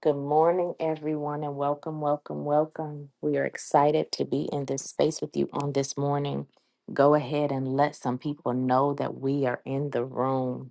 Good morning, everyone, and welcome, welcome, welcome. We are excited to be in this space with you on this morning. Go ahead and let some people know that we are in the room.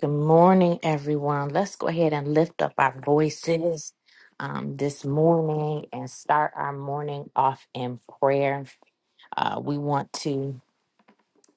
Good morning, everyone. Let's go ahead and lift up our voices um, this morning and start our morning off in prayer. Uh, we want to.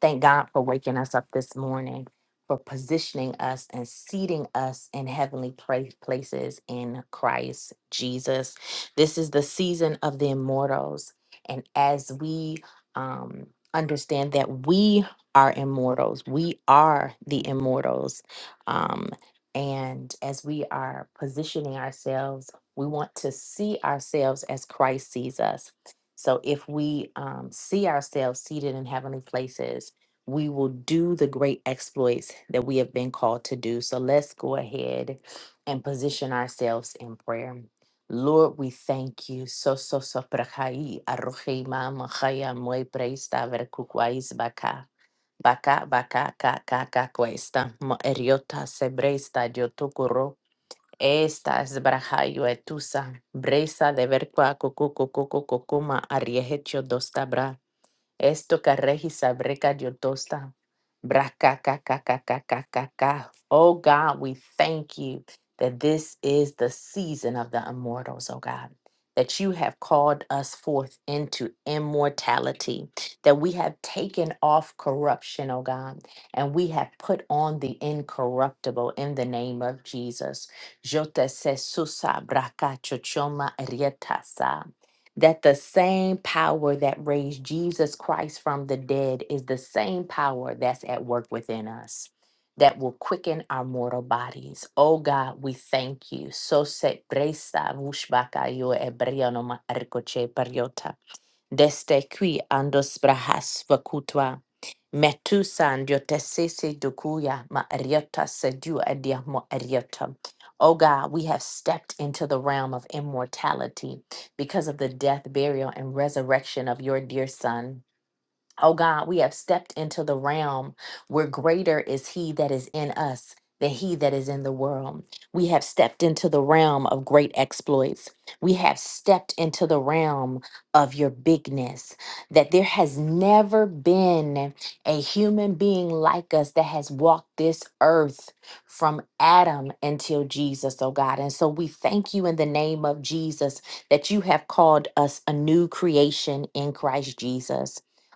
Thank God for waking us up this morning, for positioning us and seating us in heavenly pra- places in Christ Jesus. This is the season of the immortals. And as we um, understand that we are immortals, we are the immortals. Um, and as we are positioning ourselves, we want to see ourselves as Christ sees us. So if we um, see ourselves seated in heavenly places, we will do the great exploits that we have been called to do. So let's go ahead and position ourselves in prayer. Lord, we thank you. So so so prahai arohi mama chaya moi preista verkukwais baka. Baka baka ka ka ka cuesta. Mo eriota se breista yo Esta es brahayo etusa. Bresa de verqua cucu cucu cucu cuma ariehecho Esto que regisa diotosta. Braca ka ka ka ka ka ka ka. Oh God, we thank you that this is the season of the immortals, oh God. That you have called us forth into immortality, that we have taken off corruption, oh God, and we have put on the incorruptible in the name of Jesus. Yo te sé susa braca chochoma rietasa that the same power that raised Jesus Christ from the dead is the same power that's at work within us that will quicken our mortal bodies. Oh God, we thank you. So se presta vushbaka yo ebriano ma arcoche Deste qui andos brahas vacutva. Metusan diotesese dukuya ma ariota sedu adiamo ariota. Oh God, we have stepped into the realm of immortality because of the death, burial, and resurrection of your dear Son. Oh God, we have stepped into the realm where greater is He that is in us than He that is in the world. We have stepped into the realm of great exploits. We have stepped into the realm of your bigness. That there has never been a human being like us that has walked this earth from Adam until Jesus, oh God. And so we thank you in the name of Jesus that you have called us a new creation in Christ Jesus.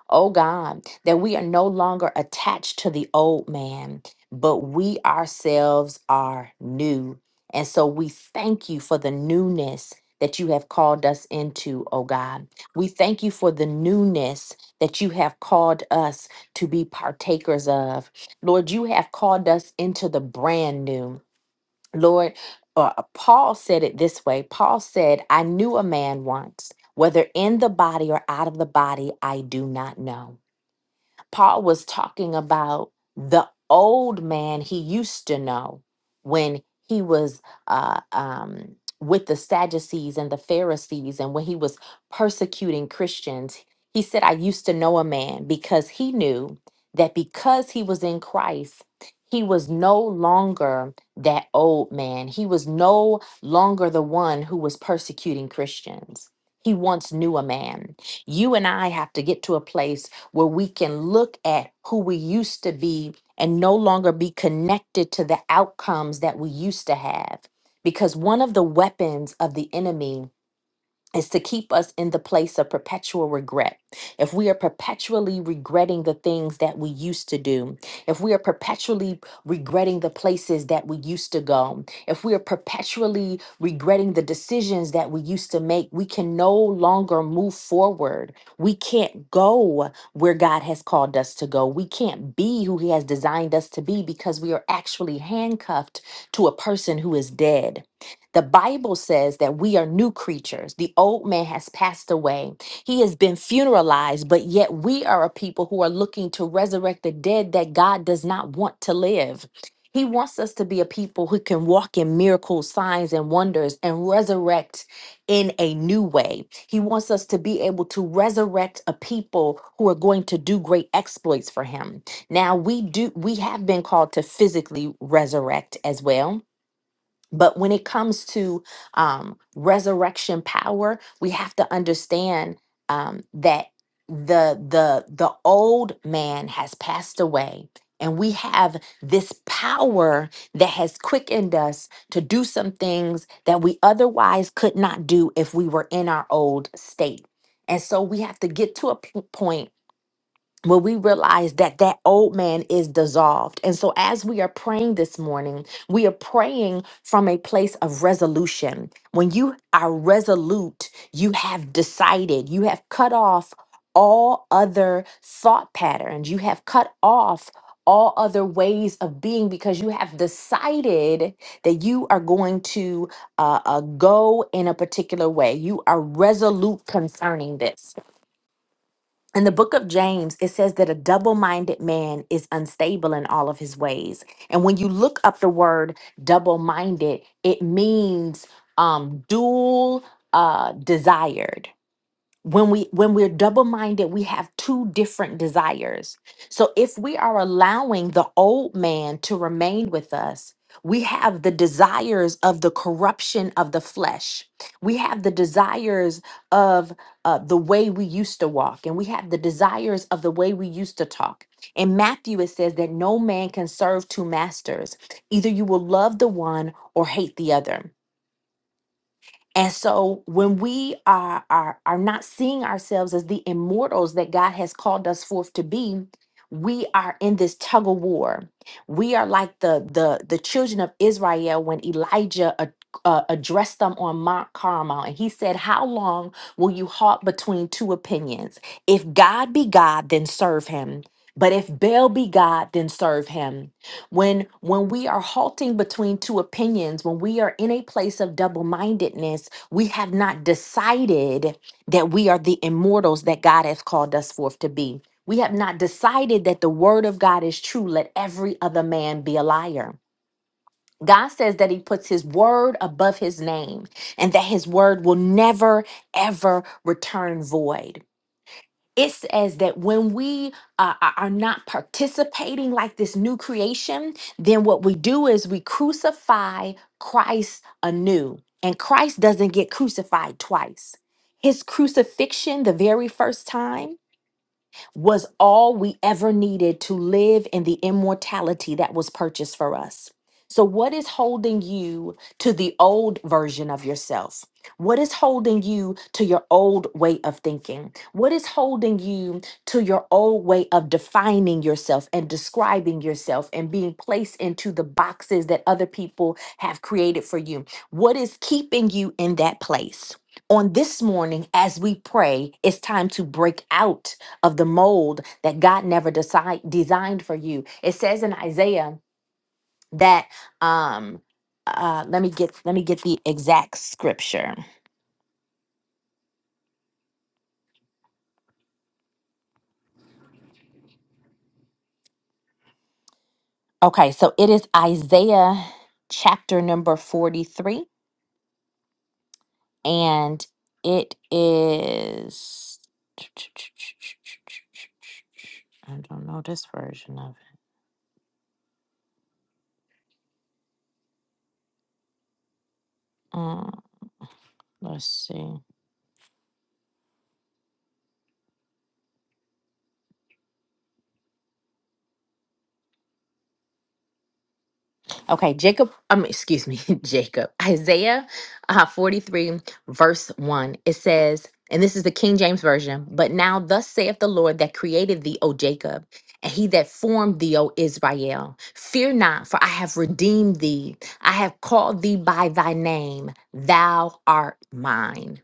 Oh God, that we are no longer attached to the old man, but we ourselves are new. And so we thank you for the newness that you have called us into, oh God. We thank you for the newness that you have called us to be partakers of. Lord, you have called us into the brand new. Lord, uh, Paul said it this way Paul said, I knew a man once, whether in the body or out of the body, I do not know. Paul was talking about the old man he used to know when he was uh, um, with the Sadducees and the Pharisees and when he was persecuting Christians. He said, I used to know a man because he knew that because he was in Christ, he was no longer that old man. He was no longer the one who was persecuting Christians. He once knew a man. You and I have to get to a place where we can look at who we used to be and no longer be connected to the outcomes that we used to have. Because one of the weapons of the enemy is to keep us in the place of perpetual regret. If we are perpetually regretting the things that we used to do, if we are perpetually regretting the places that we used to go, if we are perpetually regretting the decisions that we used to make, we can no longer move forward. We can't go where God has called us to go. We can't be who He has designed us to be because we are actually handcuffed to a person who is dead. The Bible says that we are new creatures. The old man has passed away. He has been funeralized, but yet we are a people who are looking to resurrect the dead that God does not want to live. He wants us to be a people who can walk in miracles, signs, and wonders and resurrect in a new way. He wants us to be able to resurrect a people who are going to do great exploits for him. Now we do we have been called to physically resurrect as well but when it comes to um, resurrection power, we have to understand um, that the the the old man has passed away, and we have this power that has quickened us to do some things that we otherwise could not do if we were in our old state. And so we have to get to a p- point well, we realize that that old man is dissolved. And so, as we are praying this morning, we are praying from a place of resolution. When you are resolute, you have decided, you have cut off all other thought patterns, you have cut off all other ways of being because you have decided that you are going to uh, uh, go in a particular way. You are resolute concerning this in the book of James, it says that a double minded man is unstable in all of his ways. And when you look up the word double minded, it means um, dual uh, desired when we when we're double minded we have two different desires so if we are allowing the old man to remain with us we have the desires of the corruption of the flesh we have the desires of uh, the way we used to walk and we have the desires of the way we used to talk in matthew it says that no man can serve two masters either you will love the one or hate the other and so when we are, are are not seeing ourselves as the immortals that God has called us forth to be, we are in this tug of war. We are like the the the children of Israel when Elijah a- uh, addressed them on Mount Carmel, and he said, "How long will you halt between two opinions? If God be God, then serve Him; but if Baal be God, then serve Him." when when we are halting between two opinions when we are in a place of double-mindedness we have not decided that we are the immortals that god has called us forth to be we have not decided that the word of god is true let every other man be a liar God says that he puts his word above his name and that his word will never, ever return void it says that when we uh, are are not participating like this new creation, then what we do is we crucify Christ anew. And Christ doesn't get crucified twice. His crucifixion, the very first time, was all we ever needed to live in the immortality that was purchased for us. So, what is holding you to the old version of yourself? What is holding you to your old way of thinking? What is holding you to your old way of defining yourself and describing yourself and being placed into the boxes that other people have created for you? What is keeping you in that place? On this morning, as we pray, it's time to break out of the mold that God never decide, designed for you. It says in Isaiah that um uh let me get let me get the exact scripture. Okay, so it is Isaiah chapter number 43 and it is I don't know this version of it. Mm, let's see. Okay, Jacob, um, excuse me, Jacob, Isaiah uh, 43, verse 1. It says, and this is the King James Version, but now thus saith the Lord that created thee, O Jacob, and he that formed thee, O Israel. Fear not, for I have redeemed thee. I have called thee by thy name. Thou art mine.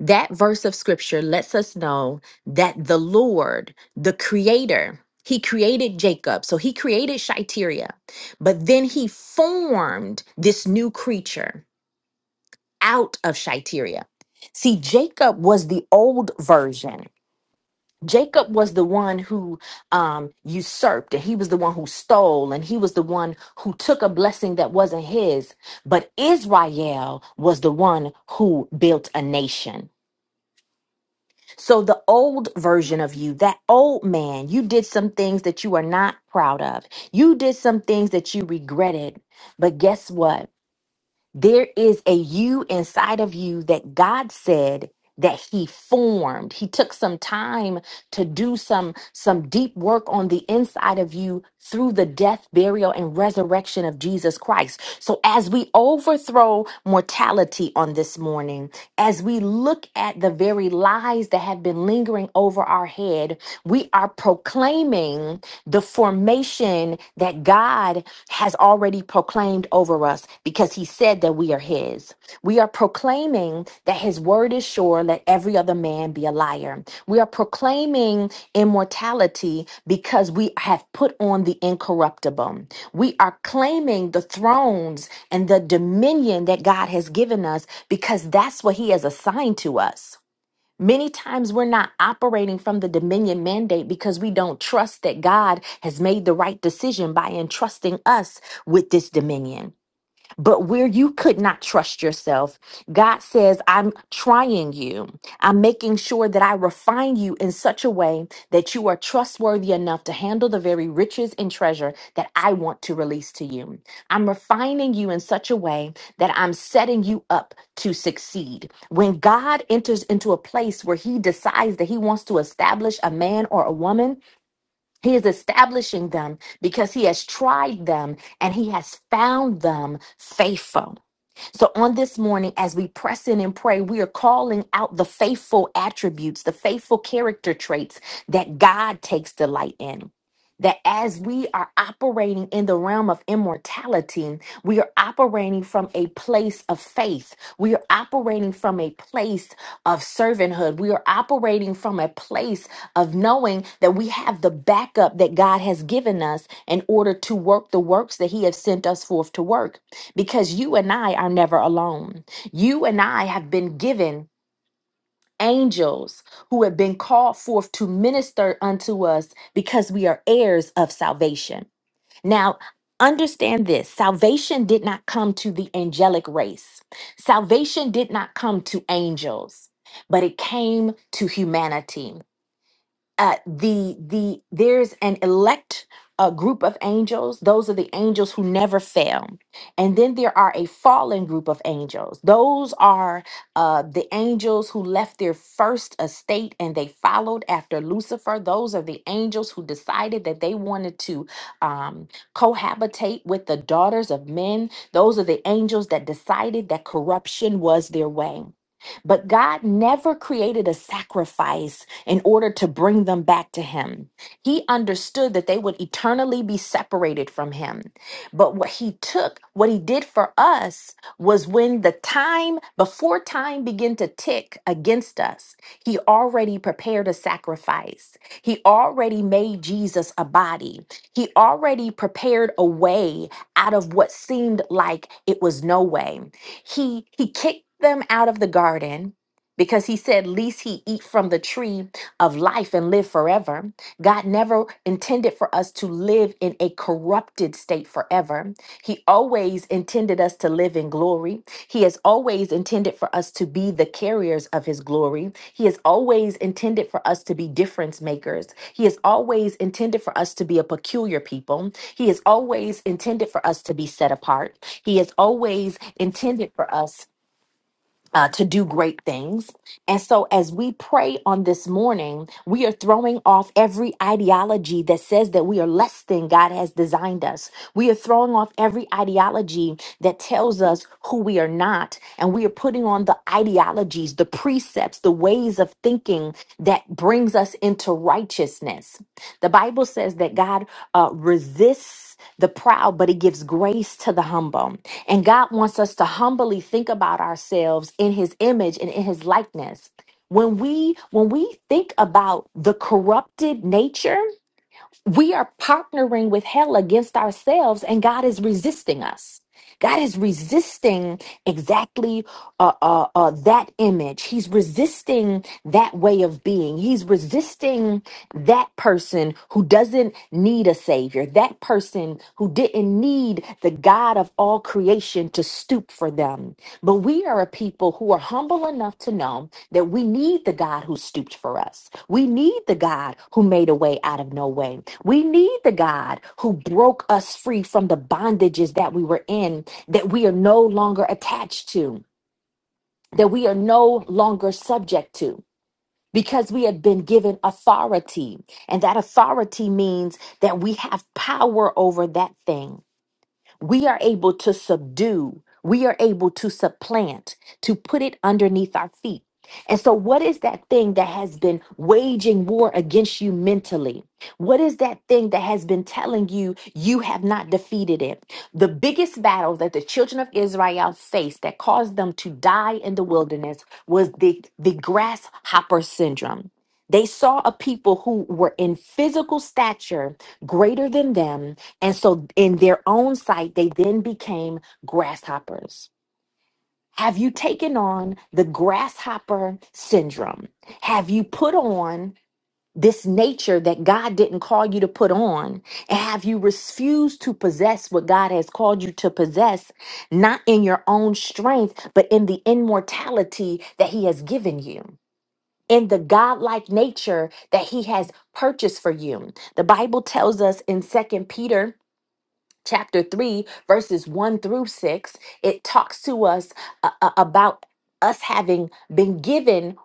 That verse of scripture lets us know that the Lord, the creator, he created Jacob. So he created Shiteria, but then he formed this new creature out of Shiteria. See, Jacob was the old version. Jacob was the one who um, usurped, and he was the one who stole, and he was the one who took a blessing that wasn't his. But Israel was the one who built a nation. So the old version of you, that old man, you did some things that you are not proud of. You did some things that you regretted. But guess what? There is a you inside of you that God said that he formed. He took some time to do some some deep work on the inside of you through the death, burial and resurrection of Jesus Christ. So as we overthrow mortality on this morning, as we look at the very lies that have been lingering over our head, we are proclaiming the formation that God has already proclaimed over us because he said that we are his. We are proclaiming that his word is sure, let every other man be a liar. We are proclaiming immortality because we have put on the incorruptible. We are claiming the thrones and the dominion that God has given us because that's what he has assigned to us. Many times we're not operating from the dominion mandate because we don't trust that God has made the right decision by entrusting us with this dominion. But where you could not trust yourself, God says, I'm trying you. I'm making sure that I refine you in such a way that you are trustworthy enough to handle the very riches and treasure that I want to release to you. I'm refining you in such a way that I'm setting you up to succeed. When God enters into a place where he decides that he wants to establish a man or a woman, he is establishing them because he has tried them and he has found them faithful. So, on this morning, as we press in and pray, we are calling out the faithful attributes, the faithful character traits that God takes delight in. That as we are operating in the realm of immortality, we are operating from a place of faith. We are operating from a place of servanthood. We are operating from a place of knowing that we have the backup that God has given us in order to work the works that He has sent us forth to work because you and I are never alone. You and I have been given angels who have been called forth to minister unto us because we are heirs of salvation. Now, understand this salvation did not come to the angelic race, salvation did not come to angels, but it came to humanity uh, the the there's an elect uh, group of angels those are the angels who never fail and then there are a fallen group of angels those are uh, the angels who left their first estate and they followed after lucifer those are the angels who decided that they wanted to um, cohabitate with the daughters of men those are the angels that decided that corruption was their way but God never created a sacrifice in order to bring them back to him. He understood that they would eternally be separated from him. But what he took, what he did for us, was when the time, before time began to tick against us, he already prepared a sacrifice. He already made Jesus a body. He already prepared a way out of what seemed like it was no way. He he kicked them out of the garden because he said, Least he eat from the tree of life and live forever. God never intended for us to live in a corrupted state forever. He always intended us to live in glory. He has always intended for us to be the carriers of His glory. He has always intended for us to be difference makers. He has always intended for us to be a peculiar people. He has always intended for us to be set apart. He has always intended for us uh, to do great things. And so, as we pray on this morning, we are throwing off every ideology that says that we are less than God has designed us. We are throwing off every ideology that tells us who we are not. And we are putting on the ideologies, the precepts, the ways of thinking that brings us into righteousness. The Bible says that God uh, resists the proud, but He gives grace to the humble. And God wants us to humbly think about ourselves in His image and in His likeness. When we when we think about the corrupted nature we are partnering with hell against ourselves and god is resisting us god is resisting exactly uh, uh, uh, that image he's resisting that way of being he's resisting that person who doesn't need a savior that person who didn't need the god of all creation to stoop for them but we are a people who are humble enough to know that we need the God who stooped for us. We need the God who made a way out of no way. We need the God who broke us free from the bondages that we were in, that we are no longer attached to, that we are no longer subject to. Because we have been given authority, and that authority means that we have power over that thing we are able to subdue, we are able to supplant, to put it underneath our feet. And so, what is that thing that has been waging war against you mentally? What is that thing that has been telling you you have not defeated it? The biggest battle that the children of Israel faced that caused them to die in the wilderness was the, the grasshopper syndrome. They saw a people who were in physical stature greater than them, and so, in their own sight, they then became grasshoppers. Have you taken on the grasshopper syndrome? Have you put on this nature that God didn't call you to put on? And have you refused to possess what God has called you to possess, not in your own strength, but in the immortality that He has given you? In the godlike nature that he has purchased for you. The Bible tells us in Second Peter chapter 3 verses 1 through 6 it talks to us uh, uh, about us having been given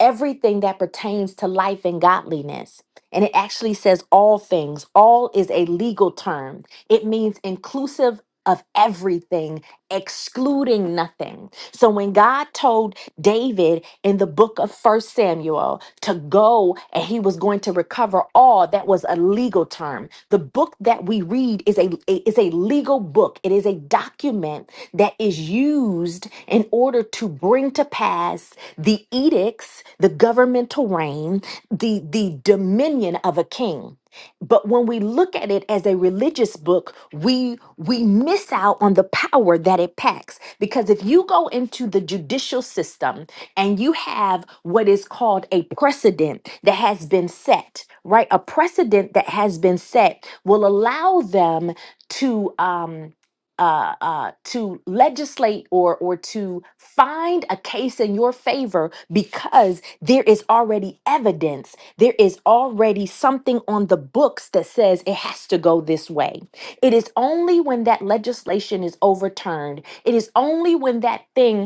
everything that pertains to life and godliness and it actually says all things all is a legal term it means inclusive of everything excluding nothing so when God told David in the book of First Samuel to go and he was going to recover all, that was a legal term. The book that we read is a is a legal book. It is a document that is used in order to bring to pass the edicts, the governmental reign, the the dominion of a king. But when we look at it as a religious book, we we miss out on the power that it packs. Because if you go into the judicial system and you have what is called a precedent that has been set, right? A precedent that has been set will allow them to um uh, uh, to legislate or or to find a case in your favor because there is already evidence there is already something on the books that says it has to go this way. It is only when that legislation is overturned, it is only when that thing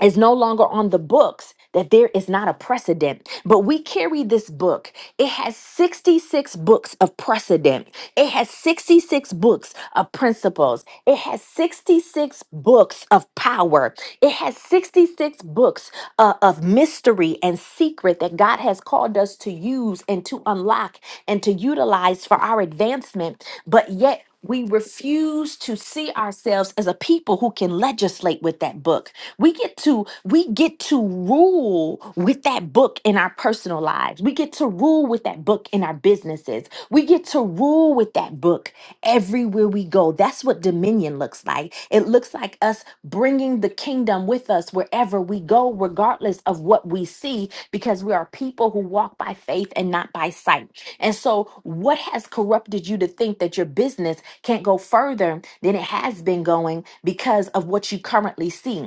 is no longer on the books that there is not a precedent but we carry this book it has 66 books of precedent it has 66 books of principles it has 66 books of power it has 66 books uh, of mystery and secret that god has called us to use and to unlock and to utilize for our advancement but yet we refuse to see ourselves as a people who can legislate with that book we get to we get to rule with that book in our personal lives we get to rule with that book in our businesses we get to rule with that book everywhere we go that's what dominion looks like it looks like us bringing the kingdom with us wherever we go regardless of what we see because we are people who walk by faith and not by sight and so what has corrupted you to think that your business can't go further than it has been going because of what you currently see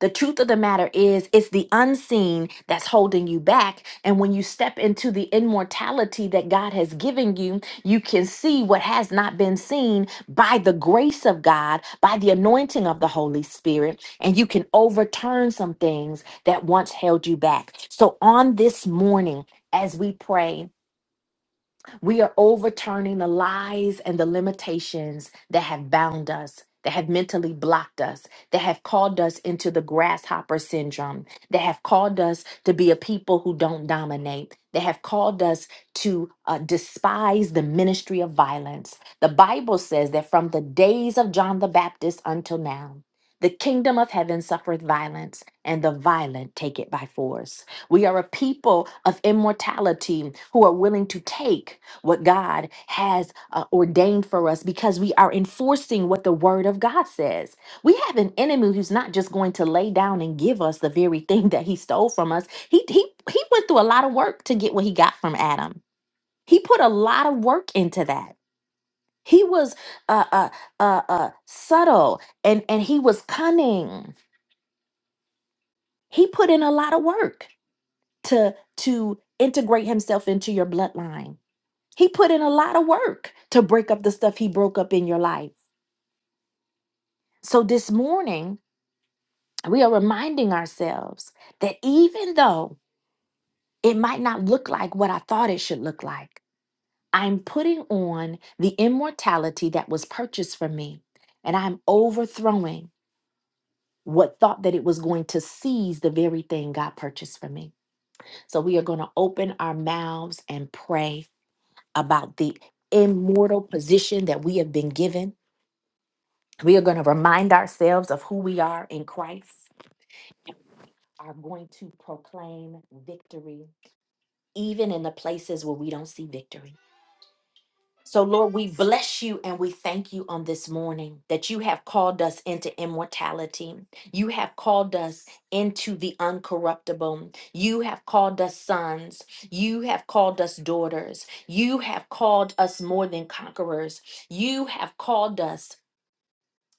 the truth of the matter is, it's the unseen that's holding you back. And when you step into the immortality that God has given you, you can see what has not been seen by the grace of God, by the anointing of the Holy Spirit, and you can overturn some things that once held you back. So on this morning, as we pray, we are overturning the lies and the limitations that have bound us, that have mentally blocked us, that have called us into the grasshopper syndrome, that have called us to be a people who don't dominate, that have called us to uh, despise the ministry of violence. The Bible says that from the days of John the Baptist until now, the kingdom of heaven suffereth violence, and the violent take it by force. We are a people of immortality who are willing to take what God has uh, ordained for us because we are enforcing what the word of God says. We have an enemy who's not just going to lay down and give us the very thing that he stole from us. He he he went through a lot of work to get what he got from Adam. He put a lot of work into that. He was uh uh uh, uh subtle and and he was cunning. He put in a lot of work to to integrate himself into your bloodline He put in a lot of work to break up the stuff he broke up in your life. So this morning, we are reminding ourselves that even though it might not look like what I thought it should look like, I'm putting on the immortality that was purchased for me, and I'm overthrowing what thought that it was going to seize the very thing God purchased for me. So we are going to open our mouths and pray about the immortal position that we have been given We are going to remind ourselves of who we are in Christ, are going to proclaim victory, even in the places where we don't see victory. So, Lord, we bless you and we thank you on this morning that you have called us into immortality. You have called us into the uncorruptible. You have called us sons. You have called us daughters. You have called us more than conquerors. You have called us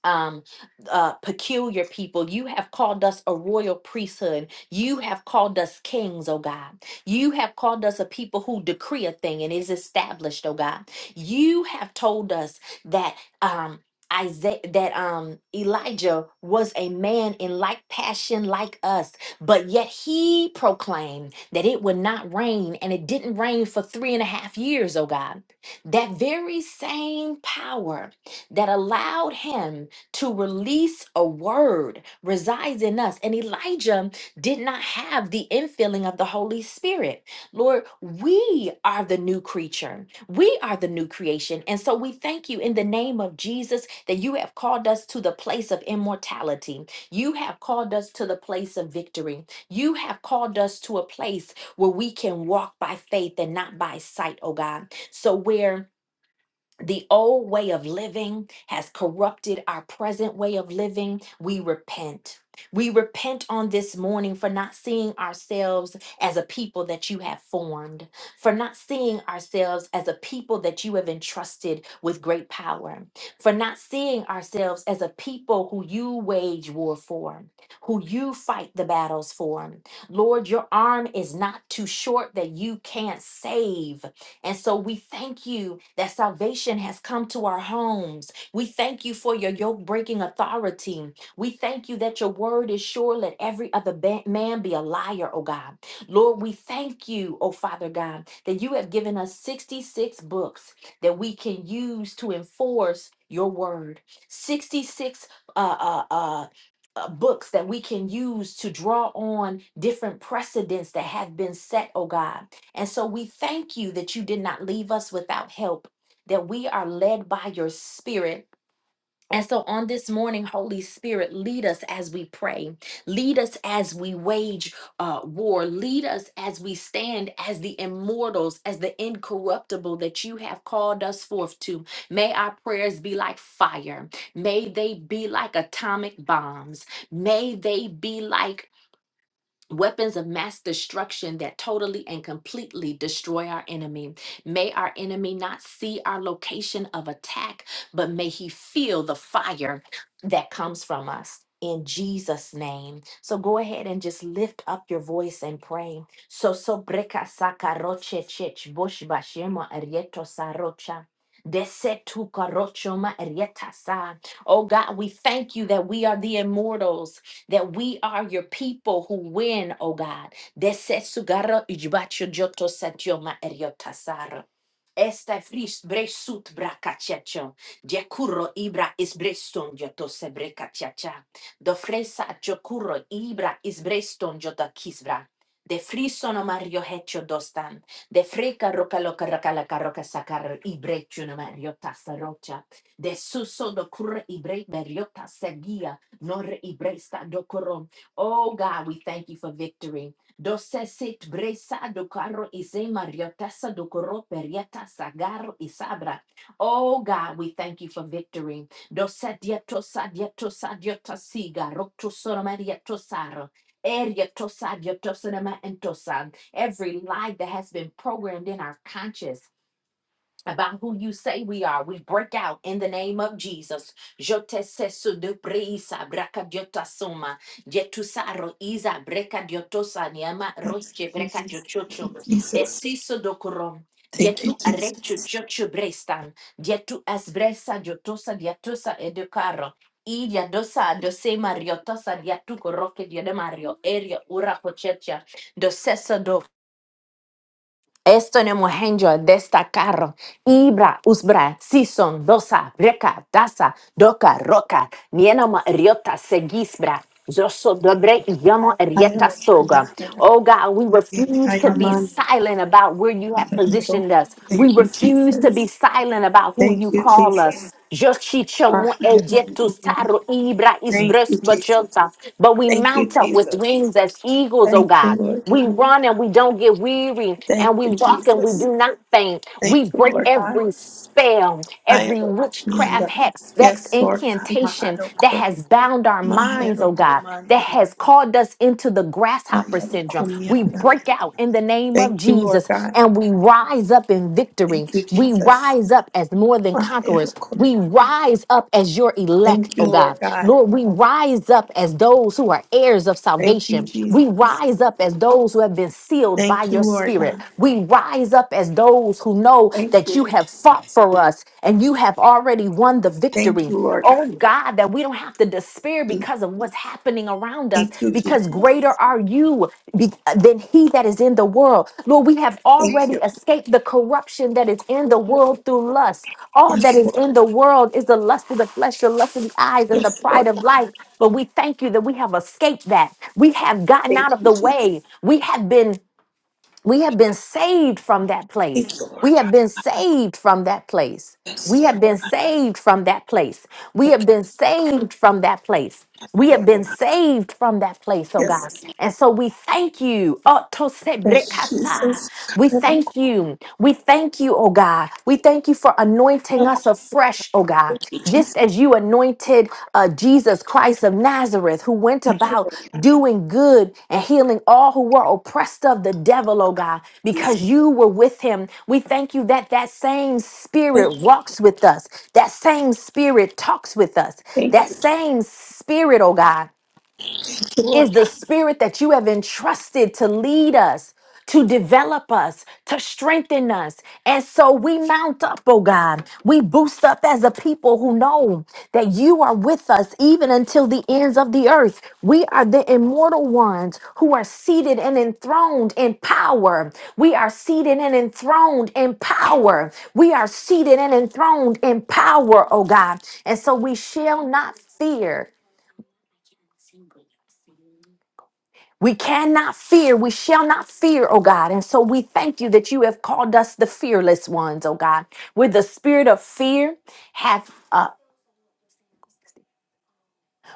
um uh peculiar people you have called us a royal priesthood you have called us kings oh god you have called us a people who decree a thing and is established oh god you have told us that um Isaiah that um Elijah was a man in like passion like us, but yet he proclaimed that it would not rain, and it didn't rain for three and a half years, oh God. That very same power that allowed him to release a word resides in us. And Elijah did not have the infilling of the Holy Spirit. Lord, we are the new creature, we are the new creation. And so we thank you in the name of Jesus that you have called us to the place of immortality. You have called us to the place of victory. You have called us to a place where we can walk by faith and not by sight, oh God. So where the old way of living has corrupted our present way of living. We repent. We repent on this morning for not seeing ourselves as a people that you have formed, for not seeing ourselves as a people that you have entrusted with great power, for not seeing ourselves as a people who you wage war for, who you fight the battles for. Lord, your arm is not too short that you can't save and so we thank you that salvation has come to our homes. We thank you for your yoke breaking authority. We thank you that your word is sure. Let every other ba- man be a liar, oh God. Lord, we thank you, oh Father God, that you have given us 66 books that we can use to enforce your word. 66 uh, uh, uh, uh, books that we can use to draw on different precedents that have been set, oh God and so we thank you that you did not leave us without help, that we are led by your spirit. And so on this morning, Holy Spirit, lead us as we pray. Lead us as we wage uh, war. Lead us as we stand as the immortals, as the incorruptible that you have called us forth to. May our prayers be like fire. May they be like atomic bombs. May they be like weapons of mass destruction that totally and completely destroy our enemy. May our enemy not see our location of attack, but may he feel the fire that comes from us. In Jesus' name. So go ahead and just lift up your voice and pray. So sobreka sakaroche chech bosh bashema arieto sarocha. Desetu karocho ma arieta sa. Oh God, we thank you that we are the immortals that we are your people who win, oh God. Desesugara ijbacho joto satyoma eriotasara. Esta fris bresut bracachacho. Diacuro ibra is breston joto sebrecachacha. Do fresa chocuro ibra is breston jota kisbra. De frisono mario hecho dostan. De freca roca loca roca la roca sacar ibrechuno mario tasarocha. De suso do cur ibre meriota seguia Oh God, we thank you for victory. Oh God, we thank you for victory. Every lie that has been programmed in our conscience about who you say we are. We break out in the name of Jesus. Jote sesu de preisa braka diota Jetusaro isa breka diotosa niama roche breka diochocho. Jesus. Desiso dokorom. Thank you, Dietu Jesus. arecho chocho brestan. Dietu asbresa diotosa diatosa edukaro. I diadosa dose mariotosa diatu koroke diademario. Erio ura pochecha. Doseso do Esto en mohenjo destacaron Ibra, Usbra, Sison, Dosa, Breca, Daza, doka roka Mienoma, Riota, Segisbra. Zoso dobre yamo I am rieta soga. Oh God, we refuse I to am be on. silent about where you have positioned us. We Thank you, refuse to be Jesus. silent about who Thank you you, call us. Jesus. Joshi I chomo am ejetu on. saro ibra Thank isbres you, Jesus. bachota. But we Thank you, mount up with Jesus. wings as eagles, oh Thank you, God. Lord We God. run and we don't get weary, Thank and we you, walk and we Jesus. do not faint. Thank We you, break Lord God. every spell, I am every witchcraft, on. hex, vex, Yes, Lord God. My incantation that Adoko. has bound our man. minds, oh God, that Adoko. has called us into the My grasshopper syndrome. We break out in the name of Thank you, Lord Jesus God. and we rise up in victory. Thank you, We rise Jesus. rise up as more than My conquerors. We Adoko. rise up as your elect, Thank oh you, Lord God. God. Lord, we rise up as those who are heirs of Thank you, salvation. We Jesus. rise up as those who have been sealed by Thank you, your Lord spirit. God. We rise up as those who know Thank that you. you have fought for us and you have already won the Thank victory. you, Lord God. Oh God, that we don't have to despair because of what's happening around us, Thank you, because greater Jesus. are you be- than he that is in the world. Lord, we have Thank already you. escaped the corruption that is in the world through lust. All that Yes, is Lord. in the world is the lust of the flesh, the lust of the eyes, and the Yes, pride Lord of God. life. But we thank you that we have escaped that. We have gotten out Thank of you, the Jesus. way. We have been we have been saved from that place. Thank you, We Lord have God. been saved from that place. We Yes, have Lord. been saved from that place. We have Yes, been saved from that place. We have Lord. been saved from that place, oh Yes. God. And so we thank you. Oh, to Yes, brekasa. Jesus. We Thank thank you. We thank you, oh God. We thank you for anointing us us afresh, oh God, you, Jesus. just as you anointed uh, Jesus Christ of Nazareth, who went Thank you, about Lord. doing good and healing all who were oppressed of the devil, oh God, because you were with him. We thank you that that same Thank spirit you. walks with us, that same spirit talks with us, Thank that you, same spirit, oh God Thank you, Lord is the God. spirit that you have entrusted to lead us, to develop us, to strengthen us. And so we mount up, oh God. We boost up as a people who know that you are with us even until the ends of the earth. We are the immortal ones who are seated and enthroned in power. We are seated and enthroned in power. We are seated and enthroned in power, oh God. And so we shall not fear We cannot fear. We shall not fear, oh God. And so we thank you that you have called us the fearless ones, oh God. Where the spirit of fear have uh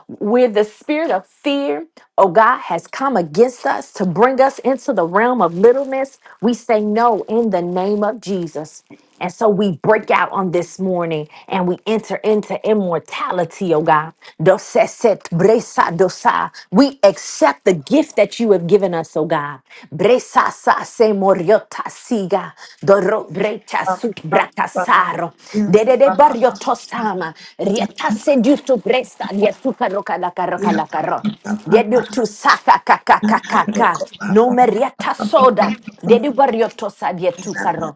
where the spirit of fear, oh God, has come against us to bring us into the realm of littleness, we say no in the name of Jesus. And so we break out on this morning and we enter into immortality, oh God. Doseset bresa dosa. We accept the gift that you have given us us, oh God. Bresasa se moriota siga, doro breta Um, sut um, um. bratasaro, Yeah, de de de Papa. barrio tosama, rieta se diutu bresta, dietu karoka la karoka Yeah, la Papa. karo. Papa. Dedu tu saka kaka kaka kaka, Papa. Papa. no Papa. merieta Papa. soda, Papa. dedu barrio tosa Yes, dietu Lord karo.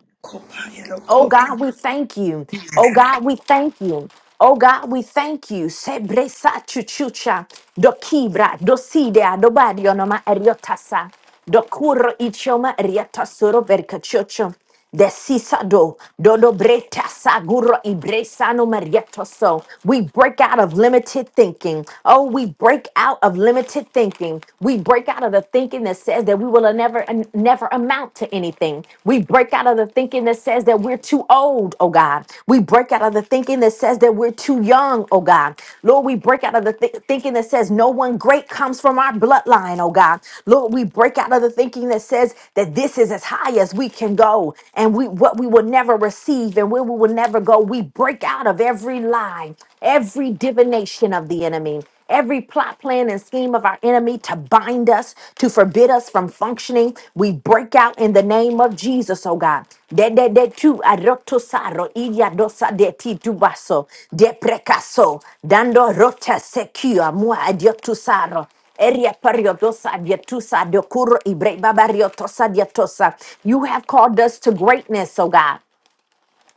Oh God, we thank you. Oh God, we thank you. Oh God, we thank you. Sebresa chuchucha, do kibra, do sidea, do barionoma eriotasa, do curro ichoma eriata soro vercachocho, de sisado, do do breta saguro ibresano marietoso. We break out of limited thinking. Oh, we break out of limited thinking. We break out of the thinking that says that we will never never amount to anything. We break out of the thinking that says that we're too old, oh God. We break out of the thinking that says that we're too young, oh God. Lord, we break out of the thi- thinking that says no one great comes from our bloodline, oh God. Lord, we break out of the thinking that says that this is as high as we can go and we what we will never receive and where we will never go. We break out of every lie, every divination of the enemy. Every plot, plan, and scheme of our enemy to bind us, to forbid us from functioning, we break out in the name of Jesus, oh God. De de de tu arotosaro iya dosa de ti dubaso de precaso dando rota secua mua adiotusaro. Eria pariodosa adiotusa dokuro ibre babariotosa diotosa. You have called us to greatness, oh God.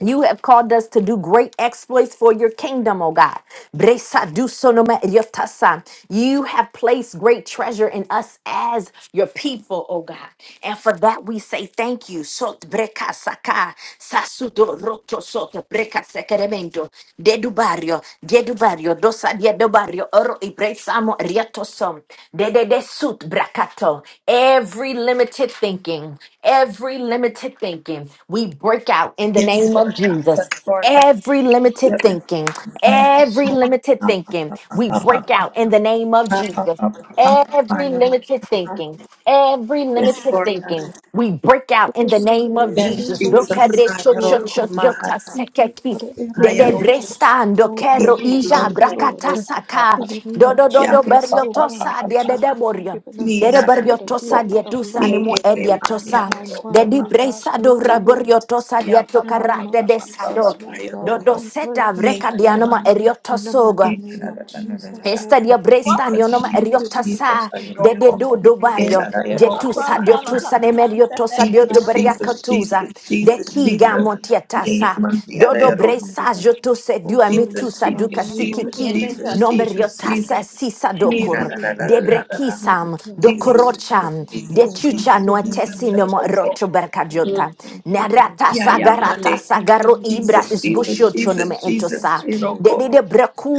You have called us to do great exploits for your kingdom, O God. Bresadusonoma eliotasa. You have placed great treasure in us as your people, O God. And for that we say thank you. Sot brekasaka, sasudo roto soto brekasekeremento. Dedubario, dedubario, dosa diedobario, oro Riatosom, Dededesut Brakato. Every limited thinking, every limited thinking, we break out in the Yes, name of Jesus. Lord God. Every limited Yes, thinking, I am. every limited thinking, we break out in the name of Jesus. Every limited thinking, every Yes, limited Lord God. thinking, we break out Help in the us, name Savior, of in the Yes, Jesus. name of Jesus, Jesus. I oh God. roko maha. We pray, Dokarechochochoyotasekeki. God, that I every limit is roko. broken, Dedebrestando oh God. kero We Yes, ija thank Lord you, Lord, that brakatasaka. in the name of Dodododo Jesus, oh God, beriotosa that you God. have not dededeboria. given Ni us a na spirit of ko. fear, Dereberiotosa but of dietusa Ni love ni nimo and ni of ma a ni ya ediatosa. ko sound ko mind, pa oh pa God. pa pa Thank Dedibresado pa. you, Lord. raboriotosa Ya pa In the pa pa diatokara name of pa pa pa pa dedesado. Jesus, pa oh ya ro God, ko. Dodo we pray, seta Ni vreka ya oh ya God, ma dianoma ni. in the Ni mighty eriotosoga. na name na of na na na na Jesus, na. oh God. Estadio What? Brestano Jesus noma Thank Jesus you, wonderful Jesus eriotasa ya ro de Savior. de ko. Thank do you, do Ni mighty God. na barrio na ya ro Where's your ko jetusa pa phone Thank ya time you, or na diotusa ka. something? ne you know, not obsessed with meriotosa dioto Jesus that. Lord. Jesus beriakatusa Jesus de Jesus Thank kiga Jesus. you, Ni montiatasa ma ni ya dodo Thank ro you, ko. mighty bresa God. jotose Oh, dua glory Jesus, to mitusa thy duka Jesus, name, oh Jesus, Bed sikiki God. me Jesus, Thank just you, be. Jesus, Jesus. nomeriotasa Jesus. sisa Ni na Thank dokur na na you, na na de na na. na. Lord. My brekisam God, we Jesus, break out. Jesus, dokorocham de Jesus, Oh, God, tucha Jesus, in the name Jesus, noatesi of nomo Jesus. Iroko. roto Oh, God, we berkajota thank you, Lord. narata Ya ya sagarata We mane. thank you sagaro that no ibra Jesus, weapon formed Jesus, isbushocho against nome Jesus, us shall Jesus, entosa prosper, oh de de Iroko. God. de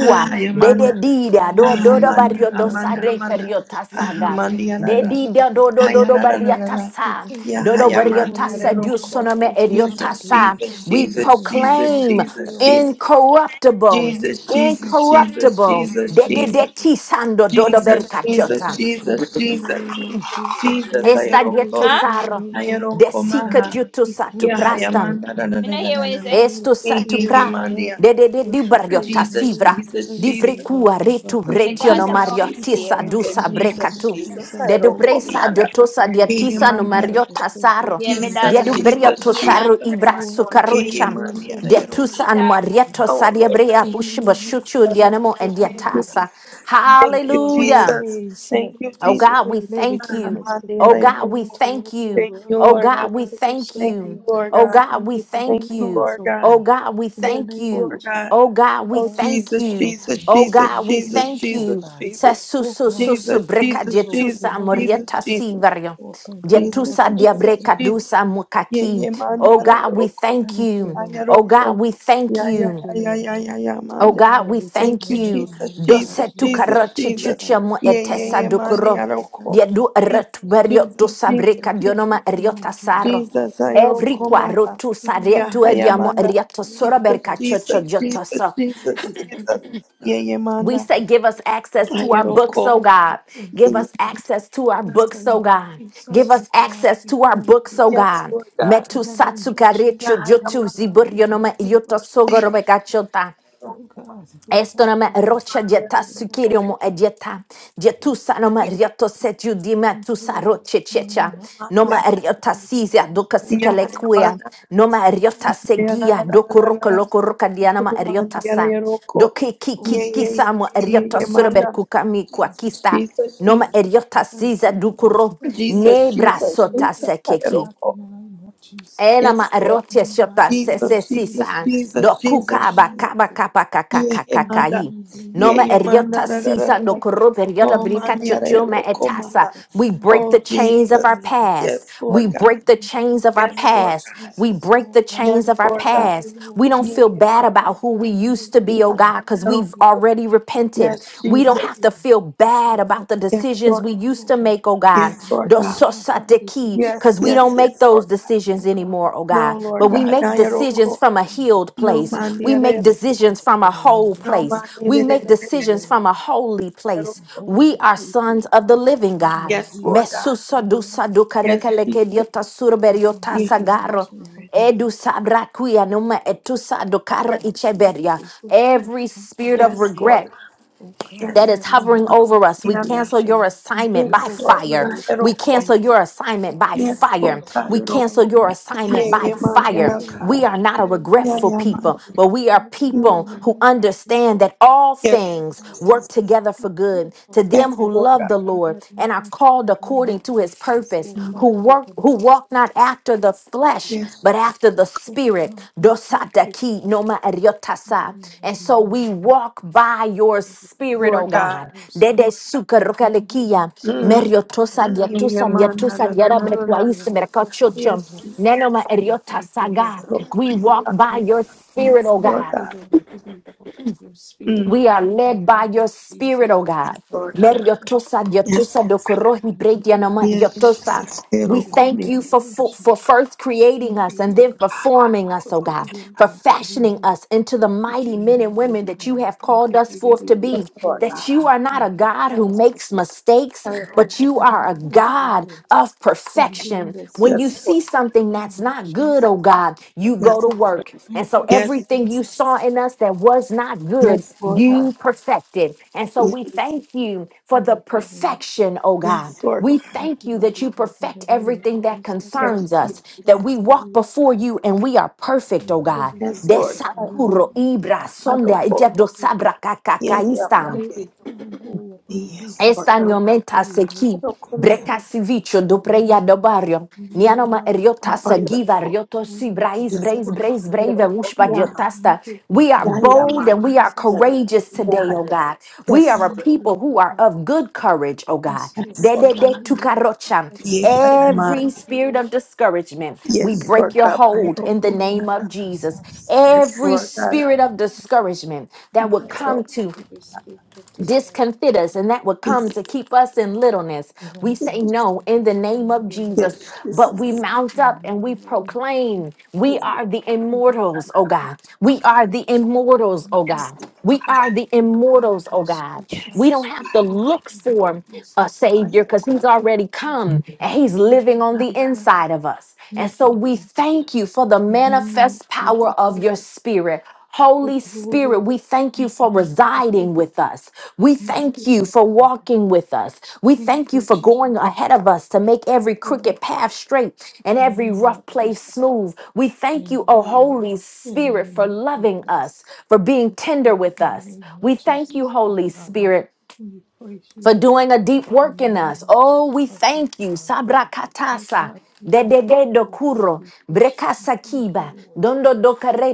We Ah, thank you, De de Lord, Amanda. that di you da are do Ah, do the do head. Amanda, barrio We do are the Amanda, sare head and Amanda. never perio the tail. Ah, We tasada. are Amanda, ya la above De la. and di never da do do beneath, Ah, do ya do oh la la God. la barrio la la. We tasa. thank Ya, you, Do ah, do Father, ya, in barrio the Amanda, ya la name tasa of du Jesus, Iroko. sonome oh erio God. Jesus, We tasa. Jesus, bless the We Jesus, holy name Jesus, on proclaim Jesus, today, oh God. Jesus. incorruptible, Jesus, Jesus, Yes, Jesus, incorruptible. Jesus, De de And de Jesus, God, ti sando do do Jesus, Jesus, Jesus, bercacciota. yes, Lord, in the Jesus, name of Jesus, Jesus, all Esta glory dietu Ayaroko, to Huh? thy saro. name, O De Ayaroko God. sica Maha, dietu We sa tu thank you, Lord. prastam. Yahayamanda, da da Me da not da da O hear what you da, da. say. Lord, of Esto He, he, Spirit, he, satupra O God, Mandia. de we de de di praise your bariota holy Jesus, name. sivra We Jesus, thank di you, Jesus, vrikua Heavenly retu Father. My He, bretio no daughter Jesus, mario O Jesus, tisa downstairs. God, in dusa Jesus, the name of Jesus, brekatu Jesus, de Jesus, du we Ayaroko bless bresa the Miada, diotosa holy dia He, name, he, tisa O no Mandia, mario wonderful Roko. Savior. tasaro Yeah, my Thank dia daughter you, Jesus, du wake Lord. brio up Jesus, bed and tosaro Jesus, No dress ibra weapon He, formed he, sukarucham against Mandia, us dia shall Ayaroko. tusa an prosper. downstairs. In marieto Our sadia brea the pushba name of shuchu Jesus, O dianamo and dia God. Lord, tasa Thank you, Thank you, Lord. All hallelujah Jesus. things have Thank you, Oh passed Jesus. God, away we and thank Ah, everything you. has Mandi, become Oh Ara, God, new we Yoko. unto thank us, O you. Thank God. you, Oh Lord Thank you, God, God. we wonderful thank Thank you. you, Savior. Lord Oh God. God, Thank we you for Thank thank you, you. newness, Lord O God. Oh God. God, we In the Thank thank you, name of Lord you. Jesus, God. Oh God, O we Oh, God, we thank Jesus, thank you. Jesus, you Oh for Jesus, God, we Jesus, thank newness, O Jesus, you. God. Jesus, O Sasusu God, we susu Jesus, thank breka you, Jesus, Lord. Jesus, In jetusa the name Jesus, morieta of Jesus, Jesus. sivario. oh, thank you, Jesus, Jetusa wonderful Savior. Jesus, diabreka Jesus. dusa Ye mukaki. ye man Oh ya la God, we yoroko. thank Thank you, you. Lord. Oh Ayaroko. God, we thank Ya ya Thank you. you, ya ya Lord. ya ya ya Oh man Oh, ya. God, we glory to thank Thank your you, you. name, O Jesus, God, in Jesus, the Dosetu name of Jesus, karoche Jesus. Jesus. Thank chuchiamo Ye you, ye etesa ye wonderful man dokoro. Savior. ya Thank roko. you. Diedu Jesus, eretuberio Thank to you, Jesus, Father Jesus, sabreka God. Jesus. dionoma Thank you, Lord eriota Son. saro. Jesus, Thank you, Every ayaroko Lord. quarro maha. tu In the Ya name sarietu of ya Jesus, ediamo manda. erioto Lord sora God, Jesus, we berka bless chocho Jesus, the Jesus, jotoso. Jesus, holy Jesus. name, God. Ye ye We manda. say, give us Lord access to God, our this books, oh Ayaroko. morning we God. thank Ye Give you. ye. us Lord. access to our In the books, name oh of God. Give Jesus, Yes, Lord us God, access we to our thank books, you. oh yes, God. Lord God. In Metu the name of Jesus, satsukarechu Ya ya Lord jotu manda. God, we thank ziburionoma you for yoto coming up. sogoro Ya Oh Yamana, God, we thank Estonama you, Lord. rocha We dieta will not today. sukirium edieta Thank dietusa noma rioto setiu dima you, tusa Lord. roche In the checha name of noma Jesus, riota Lord, sisia bless the doka holy ya sikele name, oh quia noma riota O God, la in the la la segia la name la doku of la roka la, Jesus, loko roka we dianama thank Oh, man, you. riota ya la sa Yaroko, doki ki Oh, yeah, ki yeah, Yeah, kisa blessed mo yeah, holy riota yeah, name, surber Yamana, Jesus. kukami kwa Thank you, Jesus, Father. Jesus, noma riota Oh, thank sisia you, Lord. dukuro Savior, oh Jesus, ne Jesus, God, for Jesus, doing brasota this, Jesus, oh sekeki God, in Ayaroko. the name of Jesus. Enama Yes, Lord. In erotia the shota mighty se Jesus, name se of si Jesus, sa Jesus, Jesus, do thank you for Jesus, kuka ba doing this, Jesus. kaba oh God. kapa kaka Yeah, kaka In the Emanda. kai. mighty name of Yeah, Noma Jesus, Emanda. eriota Da, oh da, da, sisa God. da, do da. koro In periota Oh, the brika man, name of yeah, chochome Ayaroko, Jesus, oh etasa. Maha. God. We Thank break the Oh, you, Lord, chains for of our doing Jesus. this. past. Yes, We Lord God. Oh break the God, in chains of the our Yes, name of Lord past. God. We Jesus, break oh the God, chains Yes, we of our Lord thank God. you, past. We Lord. don't You feel give bad my Lord, about name, who we I thank used to you, be, you oh are Lord. God, the because Yes, we've Lord. already repented. Yes, We don't Yes, Jesus. have to feel bad about Lord. the Yes, decisions Lord Yes, we God. used Lord to God. make, oh Open God. up Yes, my Lord God. mind, my body, my Yes, Because soul, we yes, don't my make yes, make those Lord God. spirit, decisions oh God. anymore, oh No, God, Lord but we God. Thank you, make Na wonderful decisions yoroko. from a Savior. healed No place. man We make yarero. Yes, decisions Lord, from a in the name whole of No place. man We Jesus. make Thank you, decisions Lord, from yarero. a holy for place. the holy We are place, oh sons of the God. living In the name God. of Yes, Jesus, Lord God. oh God. Thank Yes, you, Jesus. Lord, that I Mesusadusadukarekelekediotasurberiota make Thank Yes, you, this Holy sagaro. vision from Spirit. my, Edu sabra kuya numa etusa dokara my holy icheberia. place, oh God. Every Not the spirit of We low yes, thank Lord place, you. regret God. oh Thank you God, that for in Yes, is the name every of hovering over Jesus. us. We Yanda. cancel your stagnation. I assignment hear by Yes, but what Lord they fire. were God. doing. We We Yaroko. can cancel your You assignment by can't Yes, sleep Lord fire. by God. We Yaroko. cancel answer. fire. your assignment Yeah, by yeah, You man. can't fire. sleep Yaroko. by We are not a fire. Yeah, regretful yeah, people, man. but we are Oh God, Mm. in people the who name of Jesus, understand that all thank Yes, you, things Lord. work together for Cancel good to them Yes, who regret Lord by love God. the Lord fire, oh and are God. called In the name of according to his Jesus, purpose, oh Mm. who thank you work for the who most walk not after the thank you, flesh, Yes, but God. after the Oh spirit. God, we thank you. Dosataki noma We eriotasa. love And you, so Lord, we walk by your for spirit, O Lord God. God. your spirit. Dede suka God, in the name of rokalekia, Mm. Jesus, meriotosa thank you, Yeah, diatusa man, na, diatusa na, na, na, Lord. na, na. diarabekwaisi Glory to the merkachochon. name Yes, of Jesus. Nenoma you. Thank eriotasa, you, God. Lord Lord. We walk God. by Oh, your spirit, O Thank Lord God. you, God. Lord, to be for your spirit Mm. oh, We are in the led by name your of spirit, Jesus. oh Oh God. God, Lord we God. Let your thank tosa, you, your Lord. Yes, tosa, do Thank you, Lord. yes, Lord, I Jesus. thank We Hero, you, come Lord. thank here. you We for, for praise you. for first Thank creating us you, and Lord then God, for forming us, for oh God, creating for a new fashioning us into the mighty future in men and me, oh women that God. you I have thank called you us that forth to everything Yes, be. Lord whole That God. you about are not me a has God who passed makes away. mistakes, Hero. but you And I are a thank you, God Lord, of for perfection. newness, oh When you Yes, see Lord. see something God. In the that's name of not good, oh Jesus, God, you Yes, Father. go to Lord. work. And Thank so you, Yes, wonderful everything you Savior. Jesus. saw in us that was not good, Thank Yes, you, oh Lord God. you God. perfected. And so we Yes. Lord. thank you for the Thank you, wonderful. perfection, oh God. Yes, Lord We God. Thank thank you, you that mighty you God, in the perfect name of everything that Jesus, oh Yes, concerns God. us, Jesus. that Thank we you, walk Lord. before you and we are perfect, Oh, oh God. glory be Yes, to the Lord God. name. Desakuro ibra I don't sonda call. Thank ijado you. sabra Yes, yeah, my kakakaistam. Today God. we tell you all about me Yes, has Lord Estanio passed God. menta away, and I seki, don't come I breka thank you sivicho for the do preia newness, do oh God. barrio. In the Nianoma name of eriota Jesus, here. sagiva oh God. rioto Thank si you for brais the Yes, brais Lord. newness, brais oh brave Yes, wushpa Lord God. Thank diotasta. you, Lord. We In are Yeah, I the name am of bold and we are Jesus, oh courageous today, oh glory. God. We are a Thank people you, oh who are God. of good courage, oh God. Yes, Lord. De In de the de name of tukarocha. Jesus, oh God. Every on. Thank you, spirit of oh God. discouragement, we Yes, Lord break Thank your you, God. Lord. Pray, hold oh, In in the the oh, name name God. of of Jesus. Jesus. Yes, Every Lord God. spirit of discouragement that would Pray, Yes, come oh, to if we speak of the stuff discomfit us and that would come yes, to keep us in littleness. in the We name say of no Jesus, in the name thank of you, Jesus, Lord. yes, but yes, we mount up In and the we name of proclaim we yes. are the Jesus, we of immortals, oh this up God. to We you. are the I immortals, need oh you God. to We revive are the our mind, immortals, oh our God. soul, and our We don't have spirit. to In look the name of for a Jesus, thank savior because he's already you. come and he's Thank you, living on the Father God. inside of us. And Thank so you, we Lord. thank you for the In the name of manifest power Jesus, we of give your spirit you Holy glory. Spirit, we thank you Thank for you, wonderful residing Savior. with us. We Thank thank you, you for walking with us. We thank thank you you, for Jesus. going ahead of us to make Thank every you, Lord. crooked path straight and In the every name of rough place Jesus. smooth. We thank Thank you, oh you, Lord. Holy In the Spirit, name for of loving Jesus. us, for being Yes, tender Lord. with In the us. name of We Jesus, thank you, oh Holy God. Spirit We praise for you, doing a oh deep God. In work in the name us. of Oh, we Jesus, oh thank you. God. Sabra Oh katasa. God, we honor you. Dedegedo Oh God, kuro, we praise you. brekasa Thank you, kiba, Lord. dondo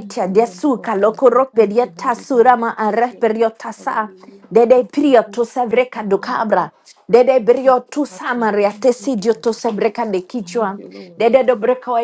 Thank you, wonderful desuka, Savior. lokorope, Thank you, dieta mighty God. surama, Thank you, Lord. areperiotasa, Hallelujah. dede Oh, prio glory to to sevreka our name. docabra, Oh, dede oh brio tu God, we samaria thank you, tesidio Lord. to sebreka de Thank kichwa, you, Lord. dede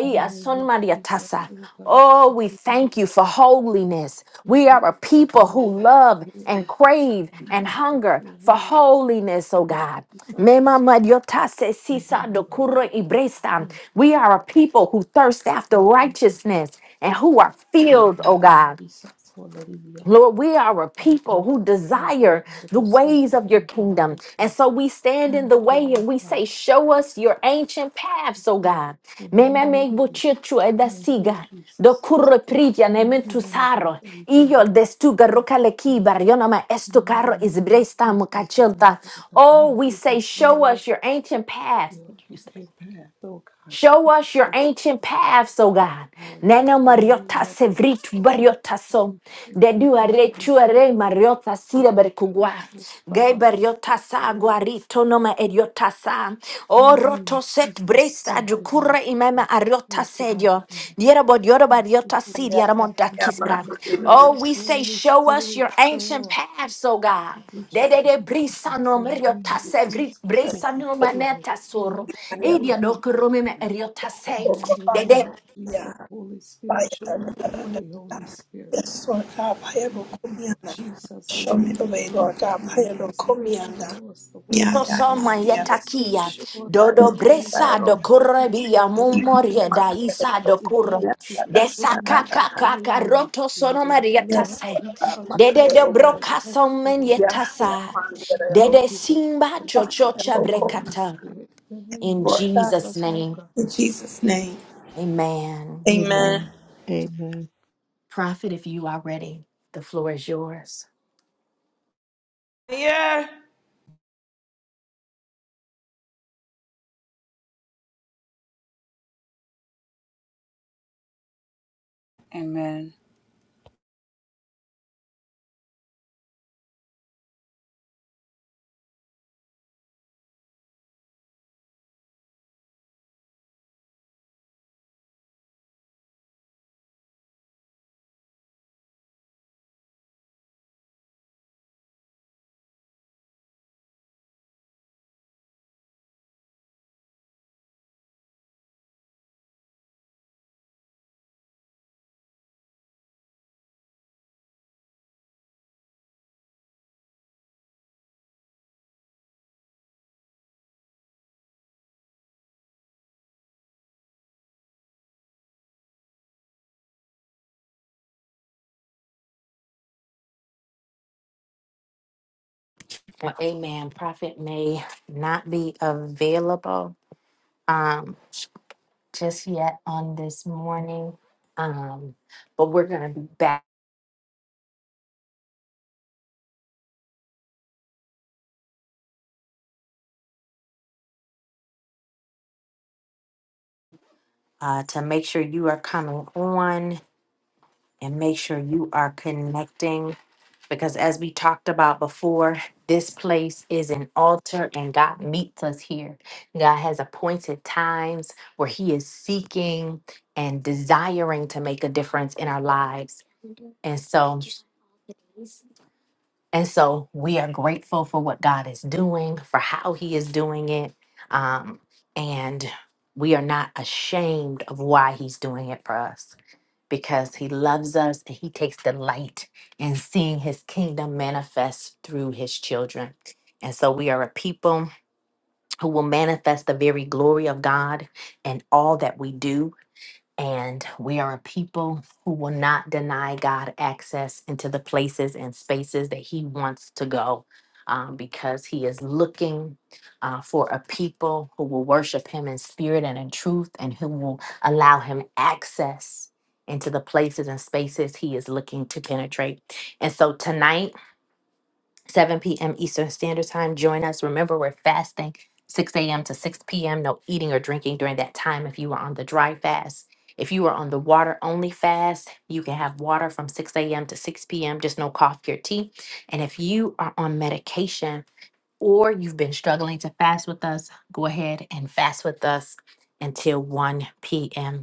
In the name son of maria Jesus, tasa. oh God, Oh, thank we you, thank wonderful you for holiness. Savior, We are a Lord, that people we who love did, and crave and and that the hunger dear for Lord holiness, oh and Lord God. Jesus, Mema madyota se thank you, sisa dokuro wonderful Savior, ibresta. thank you, We are a Father, people who thirst after thank you, righteousness and who are and filled, oh Lord God. Jesus, hallelujah, Lord, we are a oh people God, who thank you, desire the wonderful ways Savior, of your thank you, kingdom. mighty And God, so we stand in thank the you, way oh and we God, say, Show us your ancient paths, yes, oh Lord, God. in the Me me name of me Jesus, buchichu thank you, edasiga. Jesus, Do curro priglia ne thank you, wonderful saro. Savior, Io oh destuga yes, rokaleki Lord. barionama In the mighty estocaro is name of bresta Jesus, Heavenly mukachelta. Father, Oh, thank we you for say, Show showing us. us your ancient paths. your ancient path, oh God. Show Thank us your you, ancient paths, O so, God. oh Lord. Nana In the mariota name of sevritu us, oh God, bariota so. we thank you, Dedu Lord. are We tu pray, are mariota sira oh God, we berkugwa. glorify Gay you. bariota sa Lord. guarito noma eriota sa. In O the name roto of set Jesus, bresa thank you, wonderful jukura imema Savior. ariota Thank you, mighty sedio. God. Diera bodiora Thank you, bariota si Holy diara Spirit. monta In Yeah, the man, name kisbra. so of they will Jesus, not Oh, we say, Holy show us Spirit, your ancient show us paths, O your God. ancient path, Dedede God. brisano In the name meriota se of vri Jesus, Holy brisano Spirit, maneta show us the way, soro. carry up. Holy Edia Spirit. dokurumi meriota In se. the Oh, Mighty God, name Dede of Jesus, yeah. Holy Fire, Spirit, da, show us da, the da, da, way, Holy da. Spirit. Yes, Lord God. Pray, In oh, the come name here, Of now. Jesus, Show Holy me the way, Spirit, thank Lord God. you, Pray, oh, Holy come Spirit, here, now. show us the way. Yeah, yeah, man, osoma yeah, Holy Spirit, yetakia. show us the Dodo way. In the bresa yeah. name of Jesus, dokurebia Yes, Holy mumoria Spirit, da isa we dokuro. thank you for Desa showing us the kaka way, kaka Holy roto Spirit. sono In the meriota name of se. Jesus, Dede Holy de Spirit, broka thank you, somen wonderful yetasa. Savior. Thank Dede you for simba showing us the chochocha way, Holy Spirit. brekata. In the name In of Jesus' Jesus, O name, God. In Jesus' name, amen. amen. Prophet, if you are ready, the floor is yours. Yeah. Amen. Well, amen. Prophet may not be available um, just yet on this morning, um, but we're going to be back uh, to make sure you are coming on and make sure you are connecting. Because as we talked about before, this place is an altar and God meets us here. God has appointed times where He is seeking and desiring to make a difference in our lives. And so and so we are grateful for what God is doing, for how He is doing it. Um, and we are not ashamed of why He's doing it for us because He loves us and He takes delight in seeing His kingdom manifest through His children. And so we are a people who will manifest the very glory of God in all that we do and we are a people who will not deny God access into the places and spaces that He wants to go um, because He is looking uh, for a people who will worship Him in spirit and in truth and who will allow Him access into the places and spaces He is looking to penetrate. And so tonight, 7 p.m. Eastern Standard Time. Join us. Remember, we're fasting 6 a.m. to 6 p.m. No eating or drinking during that time if you are on the dry fast. If you are on the water only fast, you can have water from 6 a.m. to 6 p.m., just no coffee or tea. And if you are on medication or you've been struggling to fast with us, go ahead and fast with us until 1 p.m.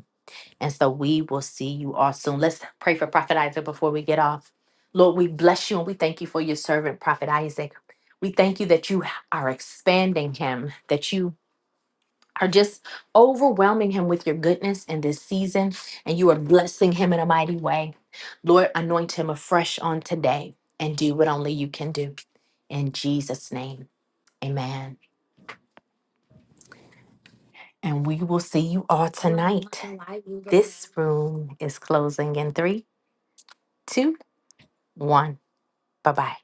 And so we will see you all soon. Let's pray for Prophet Isaac before we get off. Lord, we bless you and we thank you for your servant, Prophet Isaac. We thank you that you are expanding him, that you are just overwhelming him with your goodness in this season, and you are blessing him in a mighty way. Lord, anoint him afresh on today and do what only you can do. In Jesus' name, amen. And we will see you all tonight. This room is closing in three, two, one. Bye bye.